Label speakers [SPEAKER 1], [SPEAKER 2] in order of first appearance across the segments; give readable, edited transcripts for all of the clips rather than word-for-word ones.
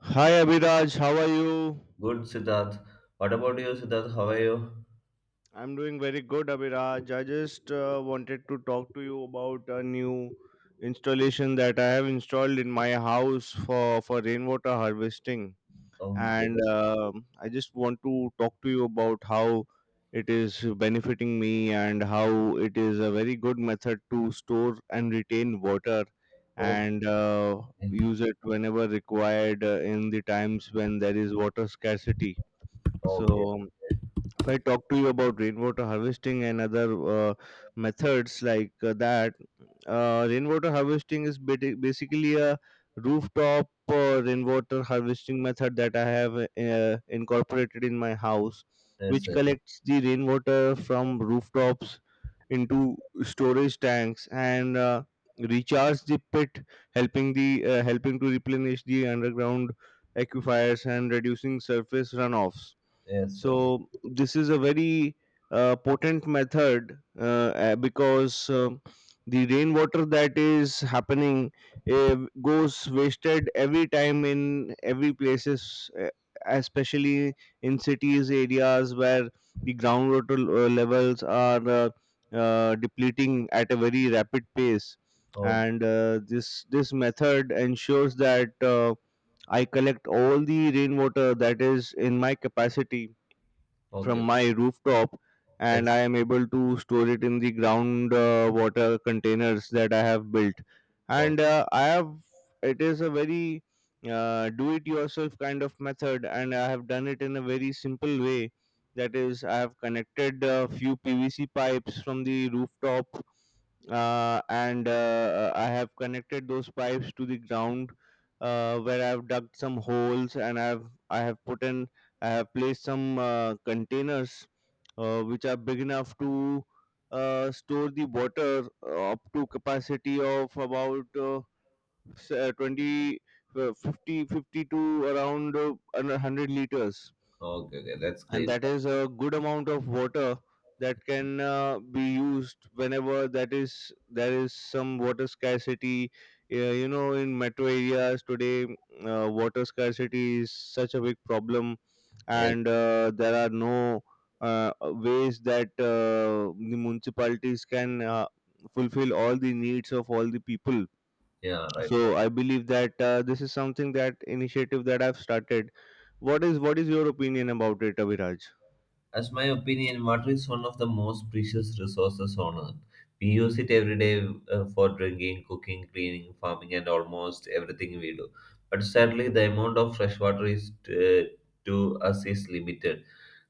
[SPEAKER 1] Hi Abhiraj, how are you?
[SPEAKER 2] Good, Siddharth. What about you, Siddharth? How are you?
[SPEAKER 1] I'm doing very good, Abhiraj. I just wanted to talk to you about a new installation that I have installed in my house for rainwater harvesting. And
[SPEAKER 2] Okay.
[SPEAKER 1] um I just want to talk to you about how it is benefiting me and how it is a very good method to store and retain water
[SPEAKER 2] Okay.
[SPEAKER 1] and use it whenever required in the times when there is water scarcity.
[SPEAKER 2] Okay.
[SPEAKER 1] So, if I talk to you about rainwater harvesting and other methods rainwater harvesting is basically a rooftop rainwater harvesting method that I have incorporated in my house,
[SPEAKER 2] Yes,
[SPEAKER 1] which
[SPEAKER 2] yes,
[SPEAKER 1] collects the rainwater from rooftops into storage tanks and recharge the pit, helping the helping to replenish the underground aquifers and reducing surface runoffs.
[SPEAKER 2] yes, yes.
[SPEAKER 1] So this is a very potent method because the rainwater that is happening uh, goes wasted every time in every places, especially in cities areas where the groundwater levels are depleting at a very rapid pace.
[SPEAKER 2] Oh,
[SPEAKER 1] And this method ensures that I collect all the rainwater that is in my capacity from
[SPEAKER 2] okay.
[SPEAKER 1] my rooftop, and
[SPEAKER 2] That's
[SPEAKER 1] I am able to store it in the ground water containers that I have built.
[SPEAKER 2] Oh.
[SPEAKER 1] And I have it is a very do it yourself kind of method, and I have done it in a very simple way. That is, I have connected a few PVC pipes from the rooftop, and I have connected those pipes to the ground, where I've dug some holes and I've I have placed some containers which are big enough to store the water up to capacity of about 20, 50, fifty to around 100 liters.
[SPEAKER 2] Okay. Okay. That's
[SPEAKER 1] And
[SPEAKER 2] great.
[SPEAKER 1] that is a good amount of water that can be used whenever that is there is some water scarcity. You know, in metro areas today, water scarcity is such a big problem,
[SPEAKER 2] Yes.
[SPEAKER 1] and there are no ways that the municipalities can fulfill all the needs of all the people.
[SPEAKER 2] Yeah, right,
[SPEAKER 1] So
[SPEAKER 2] right.
[SPEAKER 1] I believe that this is something that initiative that I've started. What is your opinion about it, Abhiraj?
[SPEAKER 2] As my opinion, water is one of the most precious resources on earth. We use it every day for drinking, cooking, cleaning, farming, and almost everything we do. But sadly, the amount of fresh water is to us is limited.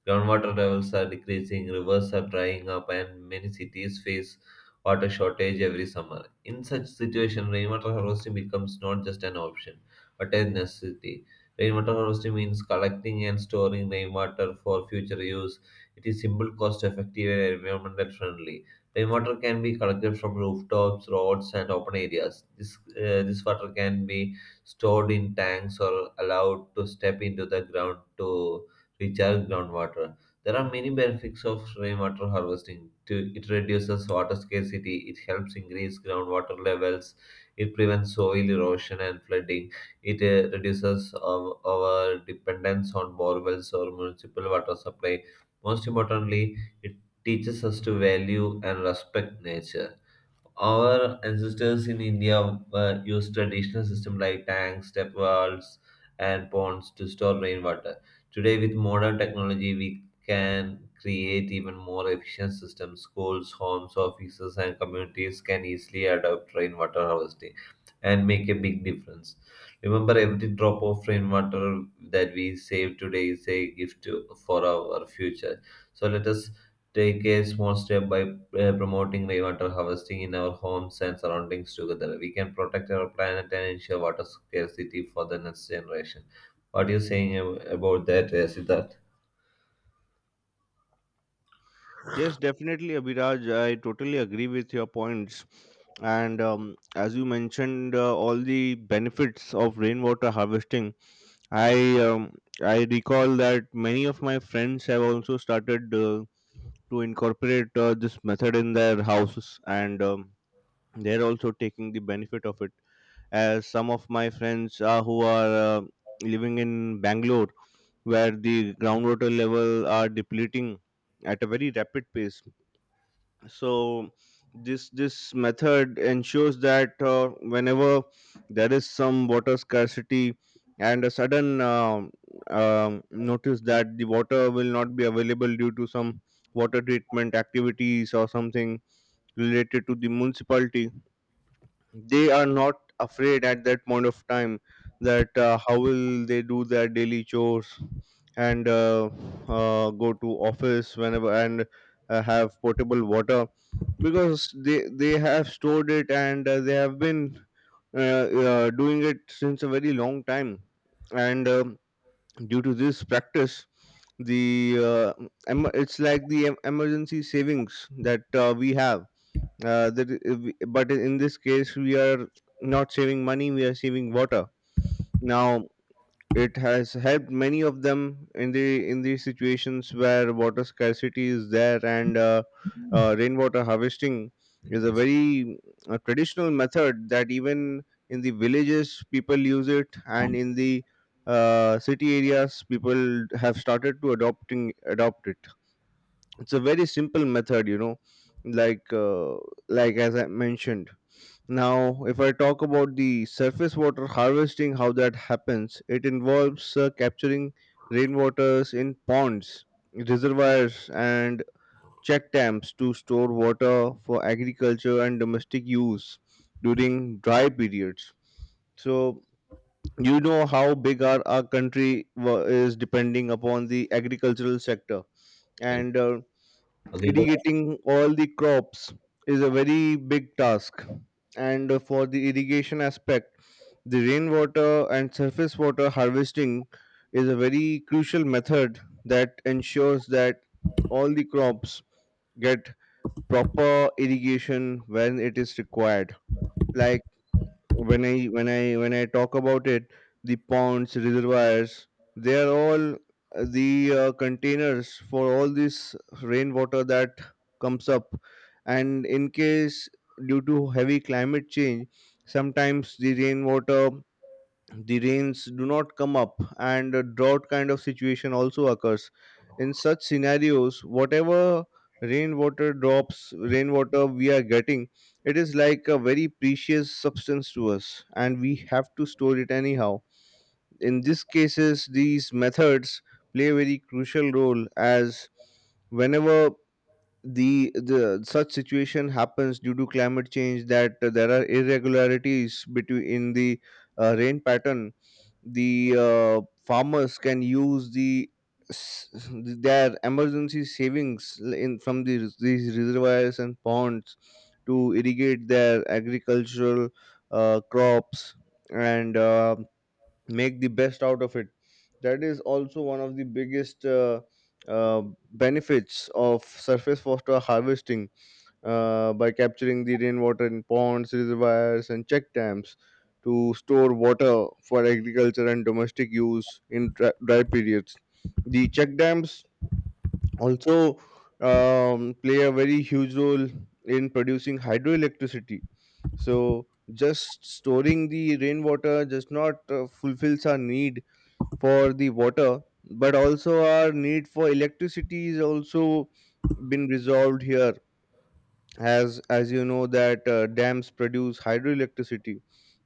[SPEAKER 2] Groundwater levels are decreasing, rivers are drying up, and many cities face water shortage every summer. In such situation, rainwater harvesting becomes not just an option, but a necessity. Rainwater harvesting means collecting and storing rainwater for future use. It is simple, cost effective, and environmental friendly. Rainwater can be collected from rooftops, roads, and open areas. This water can be stored in tanks or allowed to step into the ground to recharge groundwater. There are many benefits of rainwater harvesting. It reduces water scarcity, it helps increase groundwater levels, it prevents soil erosion and flooding, it reduces our dependence on borewells or municipal water supply. Most importantly, it teaches us to value and respect nature. Our ancestors in India were used traditional systems like tanks, step wells, and ponds to store rainwater. Today, with modern technology, we can create even more efficient systems. Schools, homes, offices, and communities can easily adopt rainwater harvesting and make a big difference. Remember, every drop of rainwater that we save today is a gift to, for our future. So, let us take a small step by promoting rainwater harvesting in our homes and surroundings together. We can protect our planet and ensure water scarcity for the next generation. What are you saying about that, Siddharth?
[SPEAKER 1] Yes, definitely, Abhiraj. I totally agree with your points. And as you mentioned, all the benefits of rainwater harvesting, I um, I recall that many of my friends have also started to incorporate this method in their houses, and they're also taking the benefit of it. As some of my friends who are living in Bangalore, where the groundwater level are depleting at a very rapid pace. So this method ensures that whenever there is some water scarcity and a sudden notice that the water will not be available due to some water treatment activities or something related to the municipality, they are not afraid at that point of time that how will they do their daily chores, and go to office whenever, and have potable water, because they have stored it, and they have been uh, doing it since a very long time. And due to this practice, the uh, it's like the emergency savings that we have, but in this case we are not saving money, we are saving water. Now it has helped many of them in the situations where water scarcity is there. And rainwater harvesting is a
[SPEAKER 2] Yes.
[SPEAKER 1] very traditional method that even in the villages people use it, and in the city areas people have started to adopt it. It's a very simple method, you know, like uh, like as I mentioned. Now, if I talk about the surface water harvesting, how that happens, it involves capturing rainwaters in ponds, reservoirs, and check dams to store water for agriculture and domestic use during dry periods. So, you know how big our country is depending upon the agricultural sector.
[SPEAKER 2] Yeah.
[SPEAKER 1] And
[SPEAKER 2] Agriculture.
[SPEAKER 1] irrigating all the crops is a very big task, and for the irrigation aspect, the rainwater and surface water harvesting is a very crucial method that ensures that all the crops get proper irrigation when it is required. Like, when I talk about it, the ponds, reservoirs, they are all the containers for all this rainwater that comes up. And in case, due to heavy climate change, sometimes the rains do not come up and a drought kind of situation also occurs. In such scenarios, whatever rainwater we are getting, it is like a very precious substance to us, and we have to store it anyhow. In these cases, these methods play a very crucial role. As whenever the such situation happens due to climate change, that there are irregularities between in the rain pattern, the farmers can use s- their emergency savings, l- in from these reservoirs and ponds to irrigate their agricultural crops, and make the best out of it. That is also one of the biggest uh, benefits of surface water harvesting, by capturing the rainwater in ponds, reservoirs, and check dams to store water for agriculture and domestic use in dry periods. The check dams also play a very huge role in producing hydroelectricity. So just storing the rainwater just not fulfills our need for the water, but also our need for electricity is also been resolved here. As you know that dams produce hydroelectricity.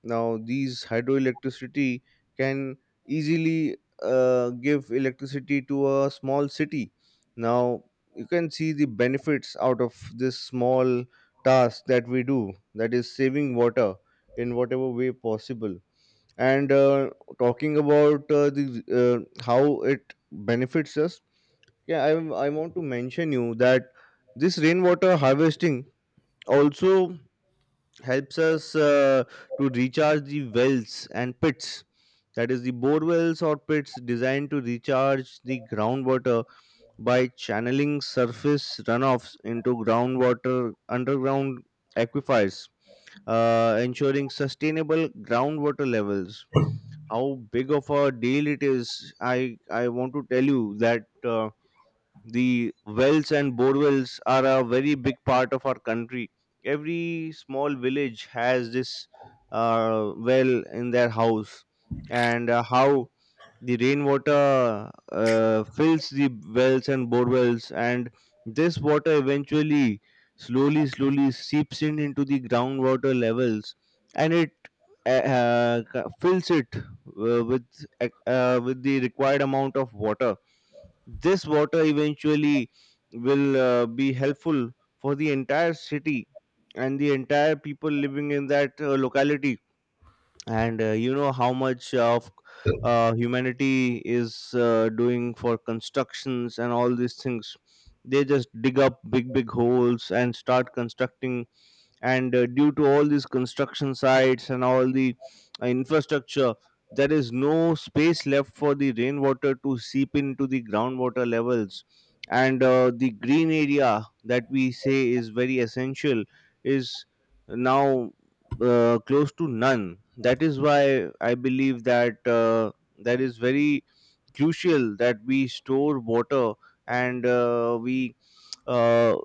[SPEAKER 1] Now these hydroelectricity can easily give electricity to a small city. Now you can see the benefits out of this small task that we do, that is saving water in whatever way possible. And talking about the how it benefits us, yeah, I want to mention you that this rainwater harvesting also helps us to recharge the wells and pits. That is the bore wells or pits designed to recharge the groundwater by channeling surface runoffs into groundwater underground aquifers, ensuring sustainable groundwater levels. How big of a deal it is, I want to tell you that the wells and borewells are a very big part of our country. Every small village has this well in their house, and how the rainwater fills the wells and bore wells, and this water eventually, slowly seeps in into the groundwater levels, and it fills it with the required amount of water. This water eventually will be helpful for the entire city and the entire people living in that locality. And you know how much of humanity is doing for constructions and all these things. They just dig up big holes and start constructing. And due to all these construction sites and all the infrastructure, there is no space left for the rainwater to seep into the groundwater levels. And the green area that we say is very essential is now close to none. That is why I believe that that is very crucial that we store water, and we uh,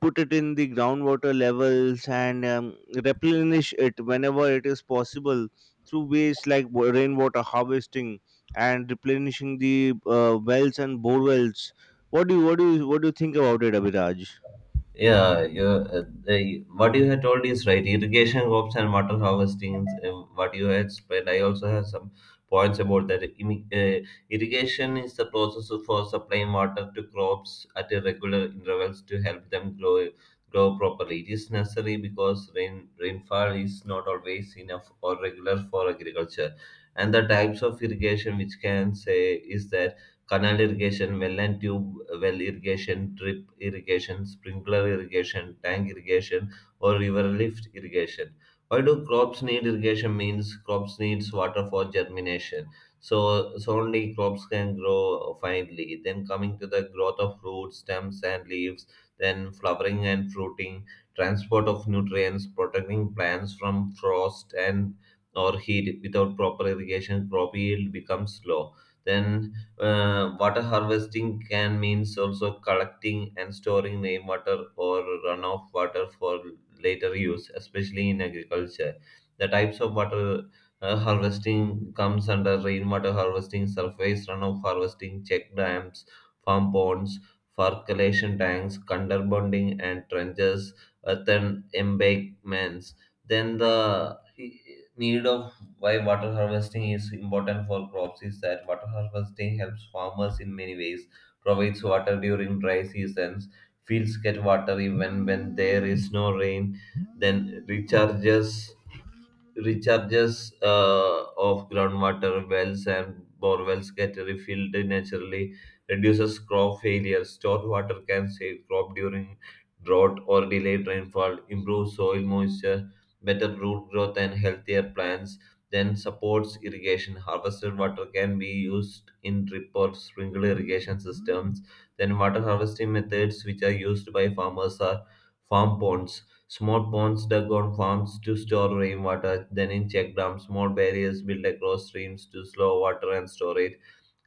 [SPEAKER 1] put it in the groundwater levels, and replenish it whenever it is possible through ways like rainwater harvesting, and replenishing the wells and bore wells. What do you what do you what do you think about it, Abhiraj?
[SPEAKER 2] Yeah, what you had told is right. Irrigation crops and water harvesting, what you had spread. I also have some points about that. Irrigation is the process for supplying water to crops at irregular intervals to help them grow properly. It is necessary because rainfall is not always enough or regular for agriculture. And the types of irrigation which can say is that canal irrigation, well and tube well irrigation, drip irrigation, sprinkler irrigation, tank irrigation, or river lift irrigation. Why do crops need irrigation? Means crops needs water for germination. So only crops can grow finely. Then coming to the growth of roots, stems, and leaves. Then flowering and fruiting, transport of nutrients, protecting plants from frost and or heat. Without proper irrigation, crop yield becomes low. Then water harvesting can means also collecting and storing rainwater or runoff water for later use, especially in agriculture. The types of water harvesting comes under rainwater harvesting, surface runoff harvesting, check dams, farm ponds, for collection tanks, underbonding and trenches, earthen embankments. Then need of why water harvesting is important for crops is that water harvesting helps farmers in many ways, provides water during dry seasons, fields get water even when there is no rain, then recharges of groundwater wells and bore wells get refilled naturally, reduces crop failure, stored water can save crop during drought or delayed rainfall, improves soil moisture, better root growth and healthier plants, then supports irrigation. Harvested water can be used in drip or sprinkler irrigation systems. Then water harvesting methods which are used by farmers are farm ponds. Small ponds dug on farms to store rainwater, then in check dams, small barriers built across streams to slow water and store it,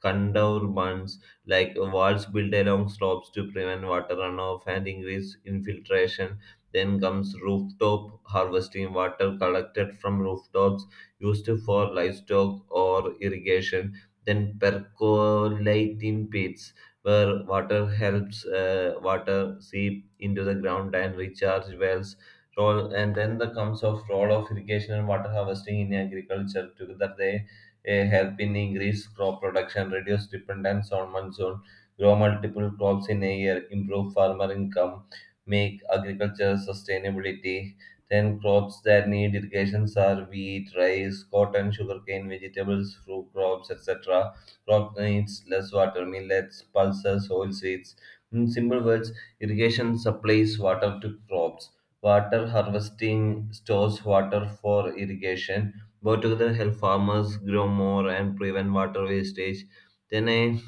[SPEAKER 2] condorbans like walls built along slopes to prevent water runoff and increase infiltration. Then comes rooftop harvesting, water collected from rooftops used for livestock or irrigation. Then percolating pits, where water helps water seep into the ground and recharge wells. Role, and then the comes of role of irrigation and water harvesting in agriculture. Together they a help in increase crop production, reduce dependence on monsoon, grow multiple crops in a year, improve farmer income, make agriculture sustainability. Then crops that need irrigations are wheat, rice, cotton, sugarcane, vegetables, fruit crops, etc. Crop needs less water, millets, pulses, oilseeds. In simple words, irrigation supplies water to crops. Water harvesting stores water for irrigation, both together help farmers grow more and prevent water wastage. Then I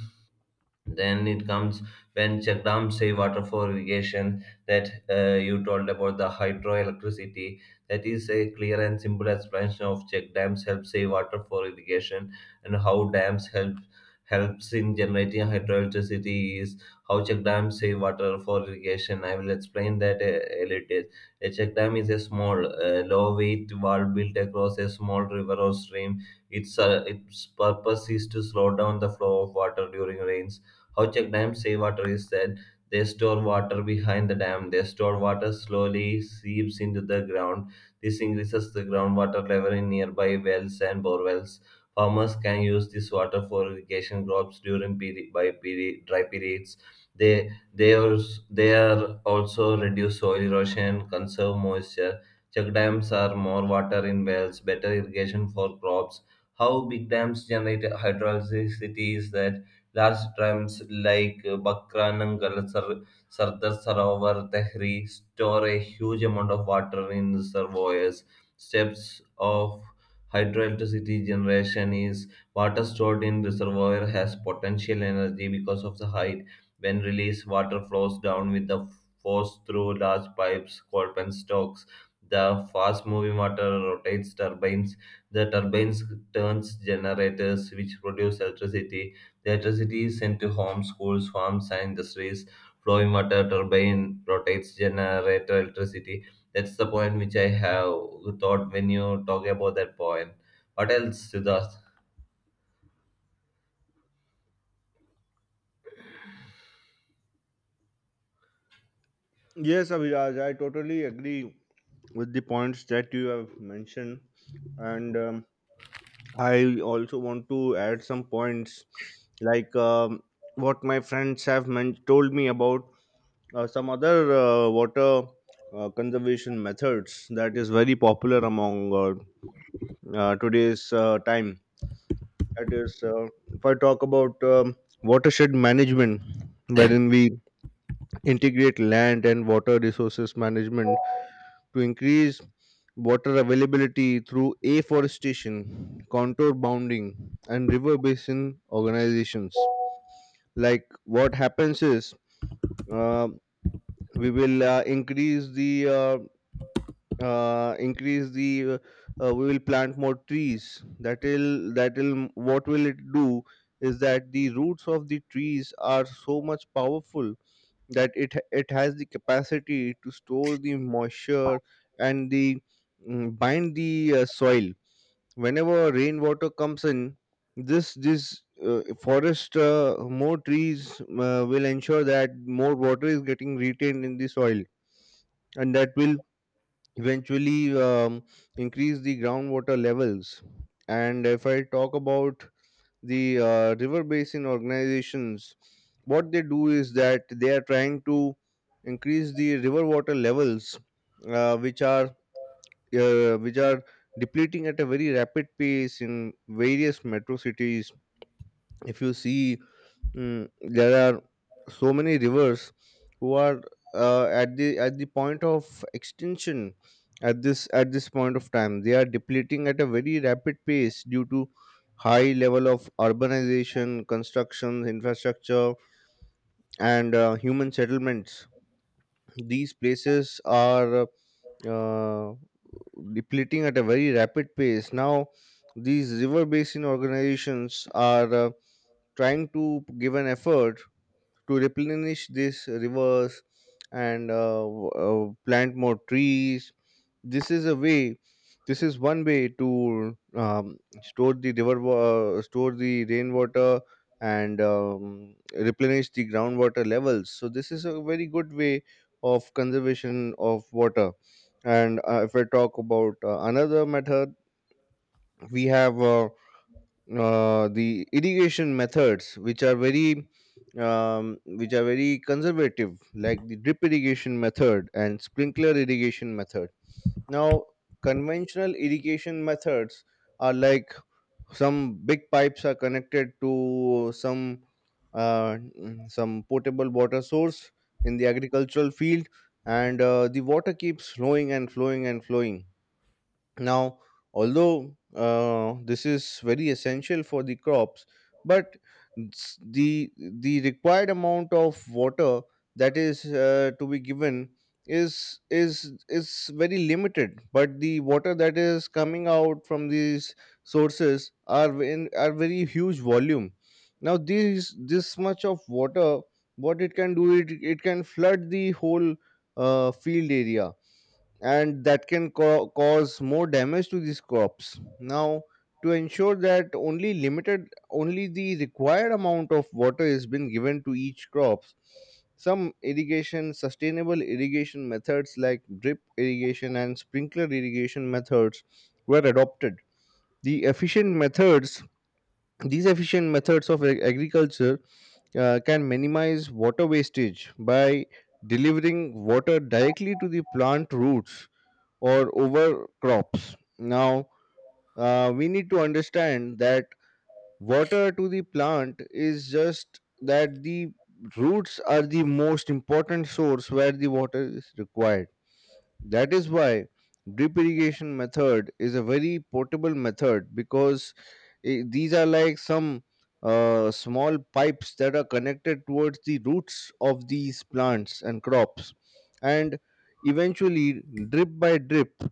[SPEAKER 2] then it comes when Chakdam say water for irrigation that you told about the hydroelectricity. That is a clear and simple explanation of check dams help save water for irrigation and how dams helps in generating hydroelectricity is how check dams save water for irrigation. I will explain that a little. A check dam is a small, low weight wall built across a small river or stream. Its its purpose is to slow down the flow of water during rains, how check dams save water is that they store water behind the dam. They store water slowly seeps into the ground. This increases the groundwater level in nearby wells and borewells. Farmers can use this water for irrigation crops during dry periods. They they are they are also reduce soil erosion, conserve moisture. Check dams are more water in wells, better irrigation for crops. How big dams generate hydroelectricity is that large dams like Bakranangal, Sardar Sarovar, Tehri store a huge amount of water in the reservoirs. Steps of hydroelectricity generation is water stored in reservoir has potential energy because of the height. When released, water flows down with the force through large pipes called penstocks. The fast-moving water rotates turbines. The turbines turns generators, which produce electricity. The electricity is sent to homes, schools, farms, and industries. Flowing water turbine rotates generate electricity. That's the point which I have thought when you talk about that point. What else, Siddharth?
[SPEAKER 1] Yes, Abhiraj, I totally agree with the points that you have mentioned, and I also want to add some points, like what my friends have told me about some other water conservation methods that is very popular among today's time. That is, if I talk about watershed management, wherein we integrate land and water resources management to increase water availability through afforestation, contour bounding, and river basin organizations. Like what happens is, uh, we will uh, increase the we will plant more trees. That will what will it do is that the roots of the trees are so much powerful that it has the capacity to store the moisture and bind the soil whenever rainwater comes in. This Forest, more trees will ensure that more water is getting retained in the soil, and that will eventually increase the groundwater levels. And if I talk about the river basin organizations, what they do is that they are trying to increase the river water levels, uh, which are which are depleting at a very rapid pace in various metro cities, if you see. There are so many rivers who are at the point of extinction. At this point of time, they are depleting at a very rapid pace due to high level of urbanization, construction, infrastructure, and human settlements. These places are uh, depleting at a very rapid pace now. These river basin organizations are trying to give an effort to replenish these rivers and plant more trees. This is a way. This is one way to store the store the rainwater, and replenish the groundwater levels. So this is a very good way of conservation of water. And if I talk about another method, we have. The irrigation methods which are very conservative, like the drip irrigation method and sprinkler irrigation method. Now conventional irrigation methods are like some big pipes are connected to some some potable water source in the agricultural field, and the water keeps flowing and flowing and flowing. Now, although this is very essential for the crops, but the required amount of water that is to be given is very limited. But the water that is coming out from these sources are ve- in are very huge volume. Now, these this much of water, what it can do, it can flood the whole field area, and that can cause more damage to these crops. Now, to ensure that only the required amount of water is been given to each crops, some irrigation sustainable irrigation methods like drip irrigation and sprinkler irrigation methods were adopted. The efficient methods, these efficient methods of agriculture can minimize water wastage by delivering water directly to the plant roots or over crops. Now, we need to understand that water to the plant is just that the roots are the most important source where the water is required. That is why drip irrigation method is a very portable method, because I these are like some small pipes that are connected towards the roots of these plants and crops. And eventually, drip by drip,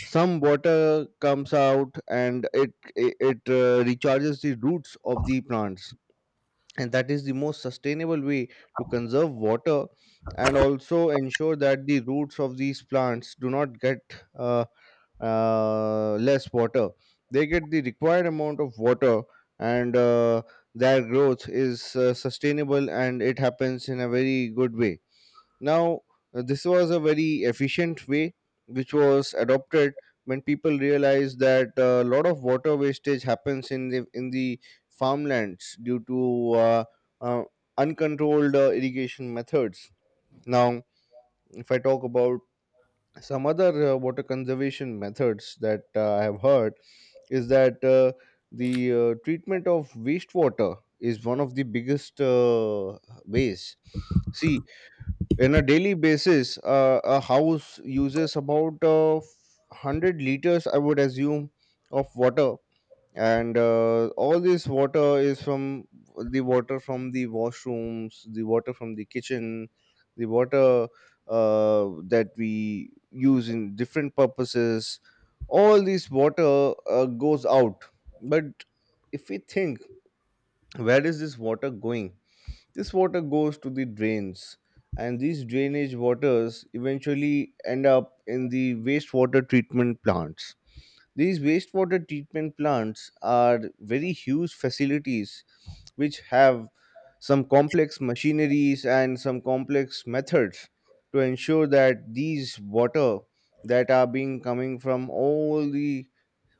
[SPEAKER 1] some water comes out, and it recharges the roots of the plants, and that is the most sustainable way to conserve water and also ensure that the roots of these plants do not get uh, less water. They get the required amount of water, and their growth is sustainable, and it happens in a very good way. Now, this was a very efficient way which was adopted when people realized that a lot of water wastage happens in the farmlands due to uh, uncontrolled irrigation methods. Now, if I talk about some other water conservation methods that I have heard, is that the treatment of wastewater is one of the biggest ways. See, in a daily basis a house uses about 100 liters, I would assume, of water. And all this water is from the water from the washrooms, the water from the kitchen, the water uh, that we use in different purposes. All this water goes out. But if we think, where is this water going? This water goes to the drains, and these drainage waters eventually end up in the wastewater treatment plants. These wastewater treatment plants are very huge facilities which have some complex machineries and some complex methods to ensure that these water that are being coming from all the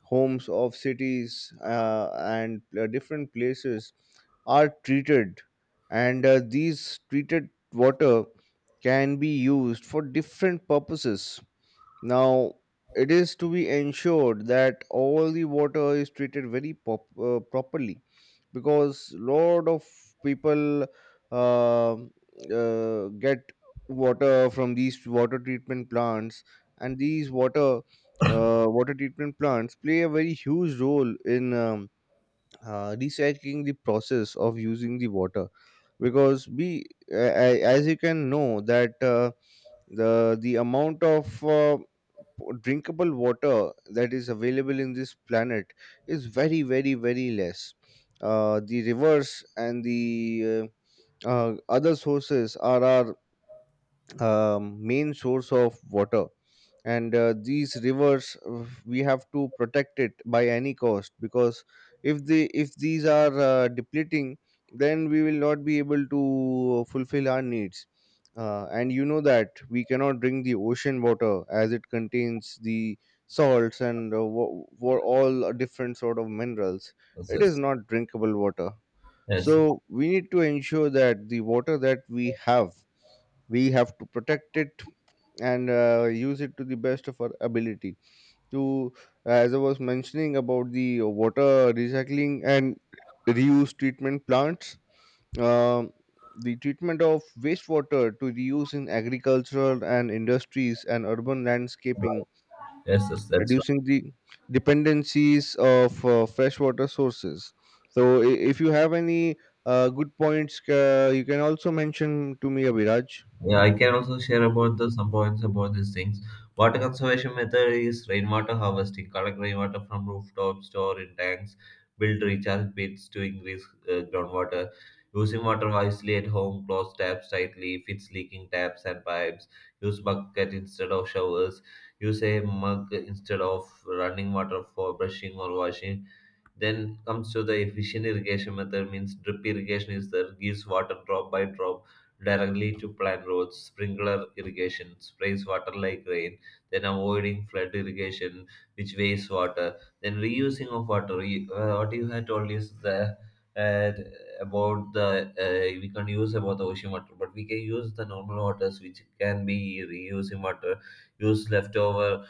[SPEAKER 1] homes of cities and different places are treated, and these treated water can be used for different purposes. Now, it is to be ensured that all the water is treated very properly, because lot of people uh, get water from these water treatment plants, and these water treatment plants play a very huge role in recycling the process of using the water. Because we uh, as you can know that the amount of drinkable water that is available in this planet is very, very, very less. The rivers and the other sources are main source of water, and these rivers we have to protect it by any cost, because if the if these are depleting, then we will not be able to fulfill our needs. And you know that we cannot drink the ocean water, as it contains the salts and all different sort of minerals.
[SPEAKER 2] Yes,
[SPEAKER 1] It is
[SPEAKER 2] yes,
[SPEAKER 1] not drinkable water.
[SPEAKER 2] yes,
[SPEAKER 1] So we need to ensure that the water that we have, we have to protect it and use it to the best of our ability. To, as I was mentioning, about the water recycling and reuse treatment plants, um, the treatment of wastewater to reuse in agricultural and industries and urban landscaping,
[SPEAKER 2] yes, yes, that's
[SPEAKER 1] reducing the dependencies of freshwater sources. So, if you have any good points, you can also mention to me, Abhiraj.
[SPEAKER 2] yeah, I can also share about the some points about these things. Water conservation method is rainwater harvesting. Collect rainwater from rooftops, store in tanks, build recharge pits to increase groundwater. Using water wisely at home, close taps tightly, fix leaking taps and pipes. Use bucket instead of showers. Use a mug instead of running water for brushing or washing. Then comes to the efficient irrigation method, means drip irrigation is that gives water drop by drop directly to plant roots. Sprinkler irrigation sprays water like rain. Then avoiding flood irrigation, which wastes water. Then reusing of water. What you had told is the uh, about the we can use about the ocean water, but we can use the normal waters which can be reusing water. Use leftover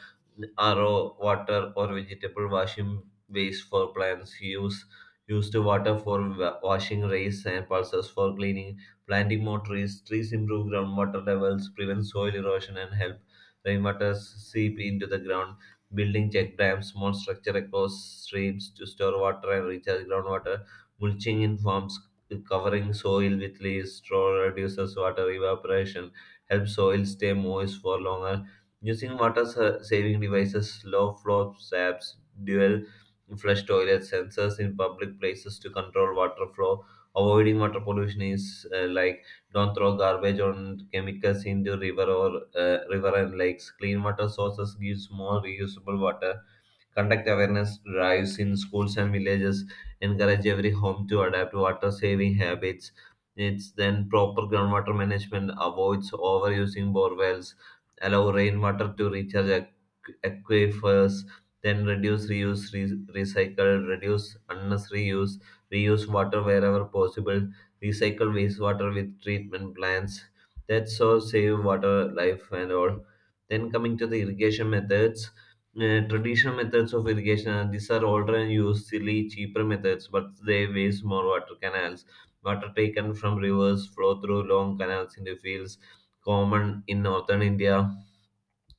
[SPEAKER 2] RO water or vegetable washing waste for plants, use used water for washing, raise and pulses for cleaning, planting more trees. Trees improve groundwater levels, prevent soil erosion, and help rainwater seep into the ground. Building check dams, small structure across streams to store water and recharge groundwater. Mulching in farms, covering soil with leaves, straw reduces water evaporation, helps soil stay moist for longer. Using water saving devices, low flow taps, dual flush toilets, sensors in public places to control water flow. Avoiding water pollution is like don't throw garbage or chemicals into river and lakes. Clean water sources gives more reusable water. Conduct awareness drives in schools and villages, encourage every home to adapt water saving habits. It's then proper groundwater management avoids overusing bore wells, allow rainwater to recharge aquifers, then reduce, reuse, recycle, reduce unnecessary use, reuse water wherever possible, recycle wastewater with treatment plants. That's all save water, life, and all. Then coming to the irrigation methods, traditional methods of irrigation, these are older and used silly cheaper methods but they waste more water, canals, water taken from rivers flow through long canals into fields, common in northern India.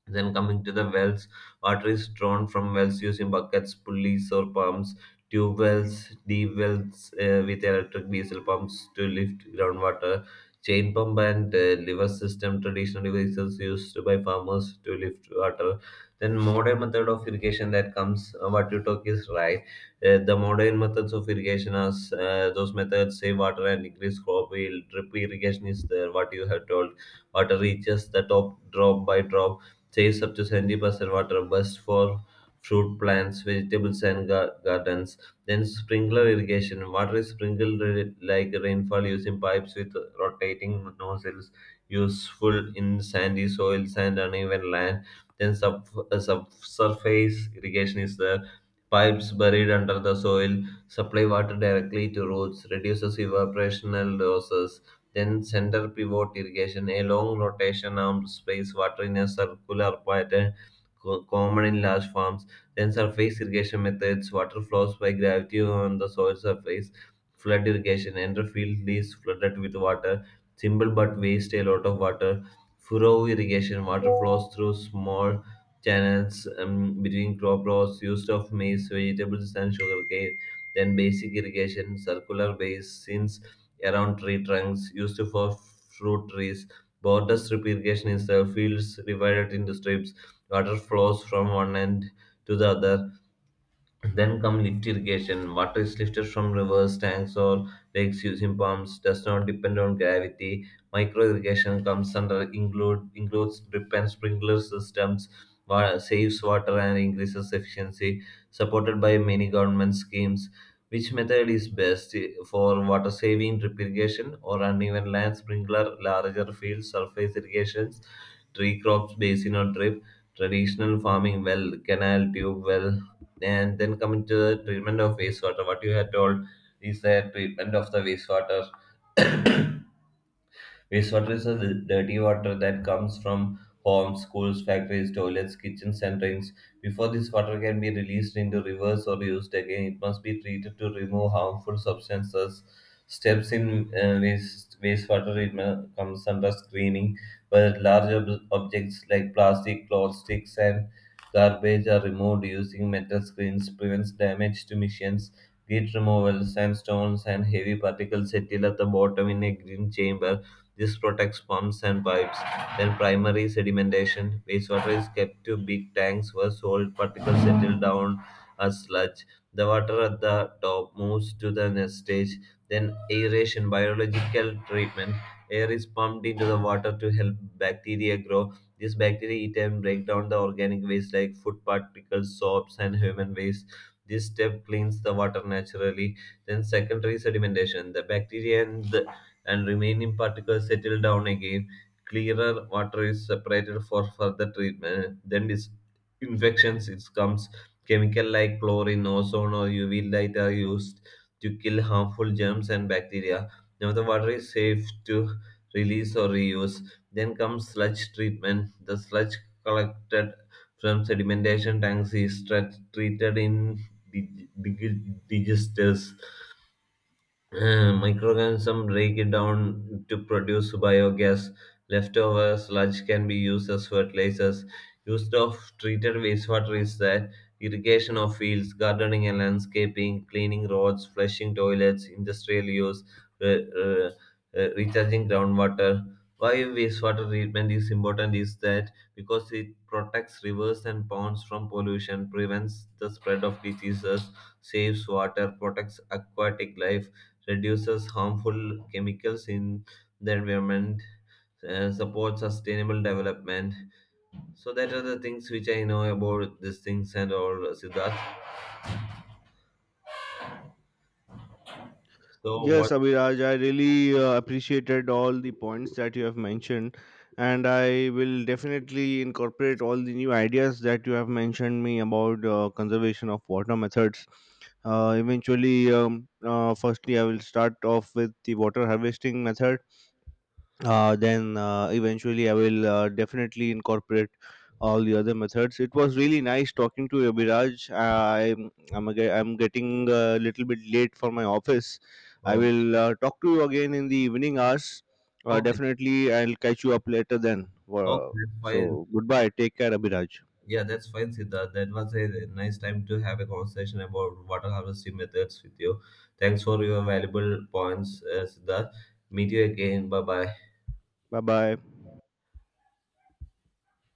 [SPEAKER 2] Then coming to the wells, water is drawn from wells using buckets, pulleys, or pumps. Tube wells, deep wells with electric diesel pumps to lift groundwater. Chain pump and lever system, traditional devices used by farmers to lift water. Then modern method of irrigation that comes, what you talk is right. The modern methods of irrigation are those methods save water and increase crop yield. Drip irrigation is there, what you have told. Water reaches the top drop by drop, chase up to 70% water, best for fruit plants, vegetables, and gardens. Then sprinkler irrigation. Water is sprinkled like rainfall using pipes with rotating nozzles, useful in sandy soils and uneven land. Then subsurface irrigation is there. Pipes buried under the soil supply water directly to roots, reduces evaporational losses. Then center pivot irrigation, a long rotation arm sprays water in a circular pattern, common in large farms. Then surface irrigation methods, water flows by gravity on the soil surface. Flood irrigation, enter field is flooded with water. Simple but waste a lot of water. Furrow irrigation, water flows through small channels between crop rows used of maize, vegetables, and sugarcane. Then basic irrigation, circular basins around tree trunks, used for fruit trees. Border strip irrigation is the fields divided into strips. Water flows from one end to the other. Then come lift irrigation. Water is lifted from rivers, tanks, or lakes using pumps. Does not depend on gravity. Micro irrigation comes under includes drip and sprinkler systems. Saves water and increases efficiency. Supported by many government schemes. Which method is best for water saving, drip irrigation, or uneven land sprinkler, larger fields, surface irrigations, tree crops, basin or drip, traditional farming, well, canal, tube well, and then coming to the treatment of wastewater, what you had told is the treatment of the wastewater. Wastewater is the dirty water that comes from homes, schools, factories, toilets, kitchens, and drains. Before this water can be released into rivers or used again, it must be treated to remove harmful substances. Steps in wastewater treatment comes under screening, where large objects like plastic, cloth sticks, and garbage are removed using metal screens, prevents damage to machines. Grit removal, sandstones, and heavy particles settle at the bottom in a green chamber, this protects pumps and pipes. Then primary sedimentation. Wastewater is kept to big tanks where salt particles settle down as sludge. The water at the top moves to the next stage. Then aeration, biological treatment. Air is pumped into the water to help bacteria grow. These bacteria eat and break down the organic waste like food particles, soaps, and human waste. This step cleans the water naturally. Then secondary sedimentation. The bacteria and the and remaining particles settle down again. Clearer water is separated for further treatment. Then disinfections it comes chemical like chlorine, ozone, or UV light are used to kill harmful germs and bacteria. Now the water is safe to release or reuse. Then comes sludge treatment. The sludge collected from sedimentation tanks is treated in digesters, microorganisms break it down to produce biogas. Leftover sludge can be used as fertilizers. Use of treated wastewater is that irrigation of fields, gardening and landscaping, cleaning roads, flushing toilets, industrial use, re- uh, recharging groundwater. Why wastewater treatment is important is that because it protects rivers and ponds from pollution, prevents the spread of diseases, saves water, protects aquatic life, reduces harmful chemicals in the environment, supports sustainable development. So that are the things which I know about these things and all, Siddharth. So
[SPEAKER 1] Yes,
[SPEAKER 2] what?
[SPEAKER 1] Abhiraj, I really appreciated all the points that you have mentioned, and I will definitely incorporate all the new ideas that you have mentioned me about conservation of water methods. Eventually, firstly, I will start off with the water harvesting method, then eventually I will definitely incorporate all the other methods. It was really nice talking to you, Abhiraj. I'm getting a little bit late for my office. I
[SPEAKER 2] Okay,
[SPEAKER 1] will talk to you again in the evening hours.
[SPEAKER 2] okay,
[SPEAKER 1] Definitely, I'll catch you up later then.
[SPEAKER 2] okay,
[SPEAKER 1] Uh,
[SPEAKER 2] that's fine.
[SPEAKER 1] so goodbye. Take care, Abhiraj.
[SPEAKER 2] Yeah, that's fine, Siddharth. That was a nice time to have a conversation about water harvesting methods with you. Thanks for your valuable points, Siddharth. Meet you again. Bye bye.
[SPEAKER 1] Bye bye.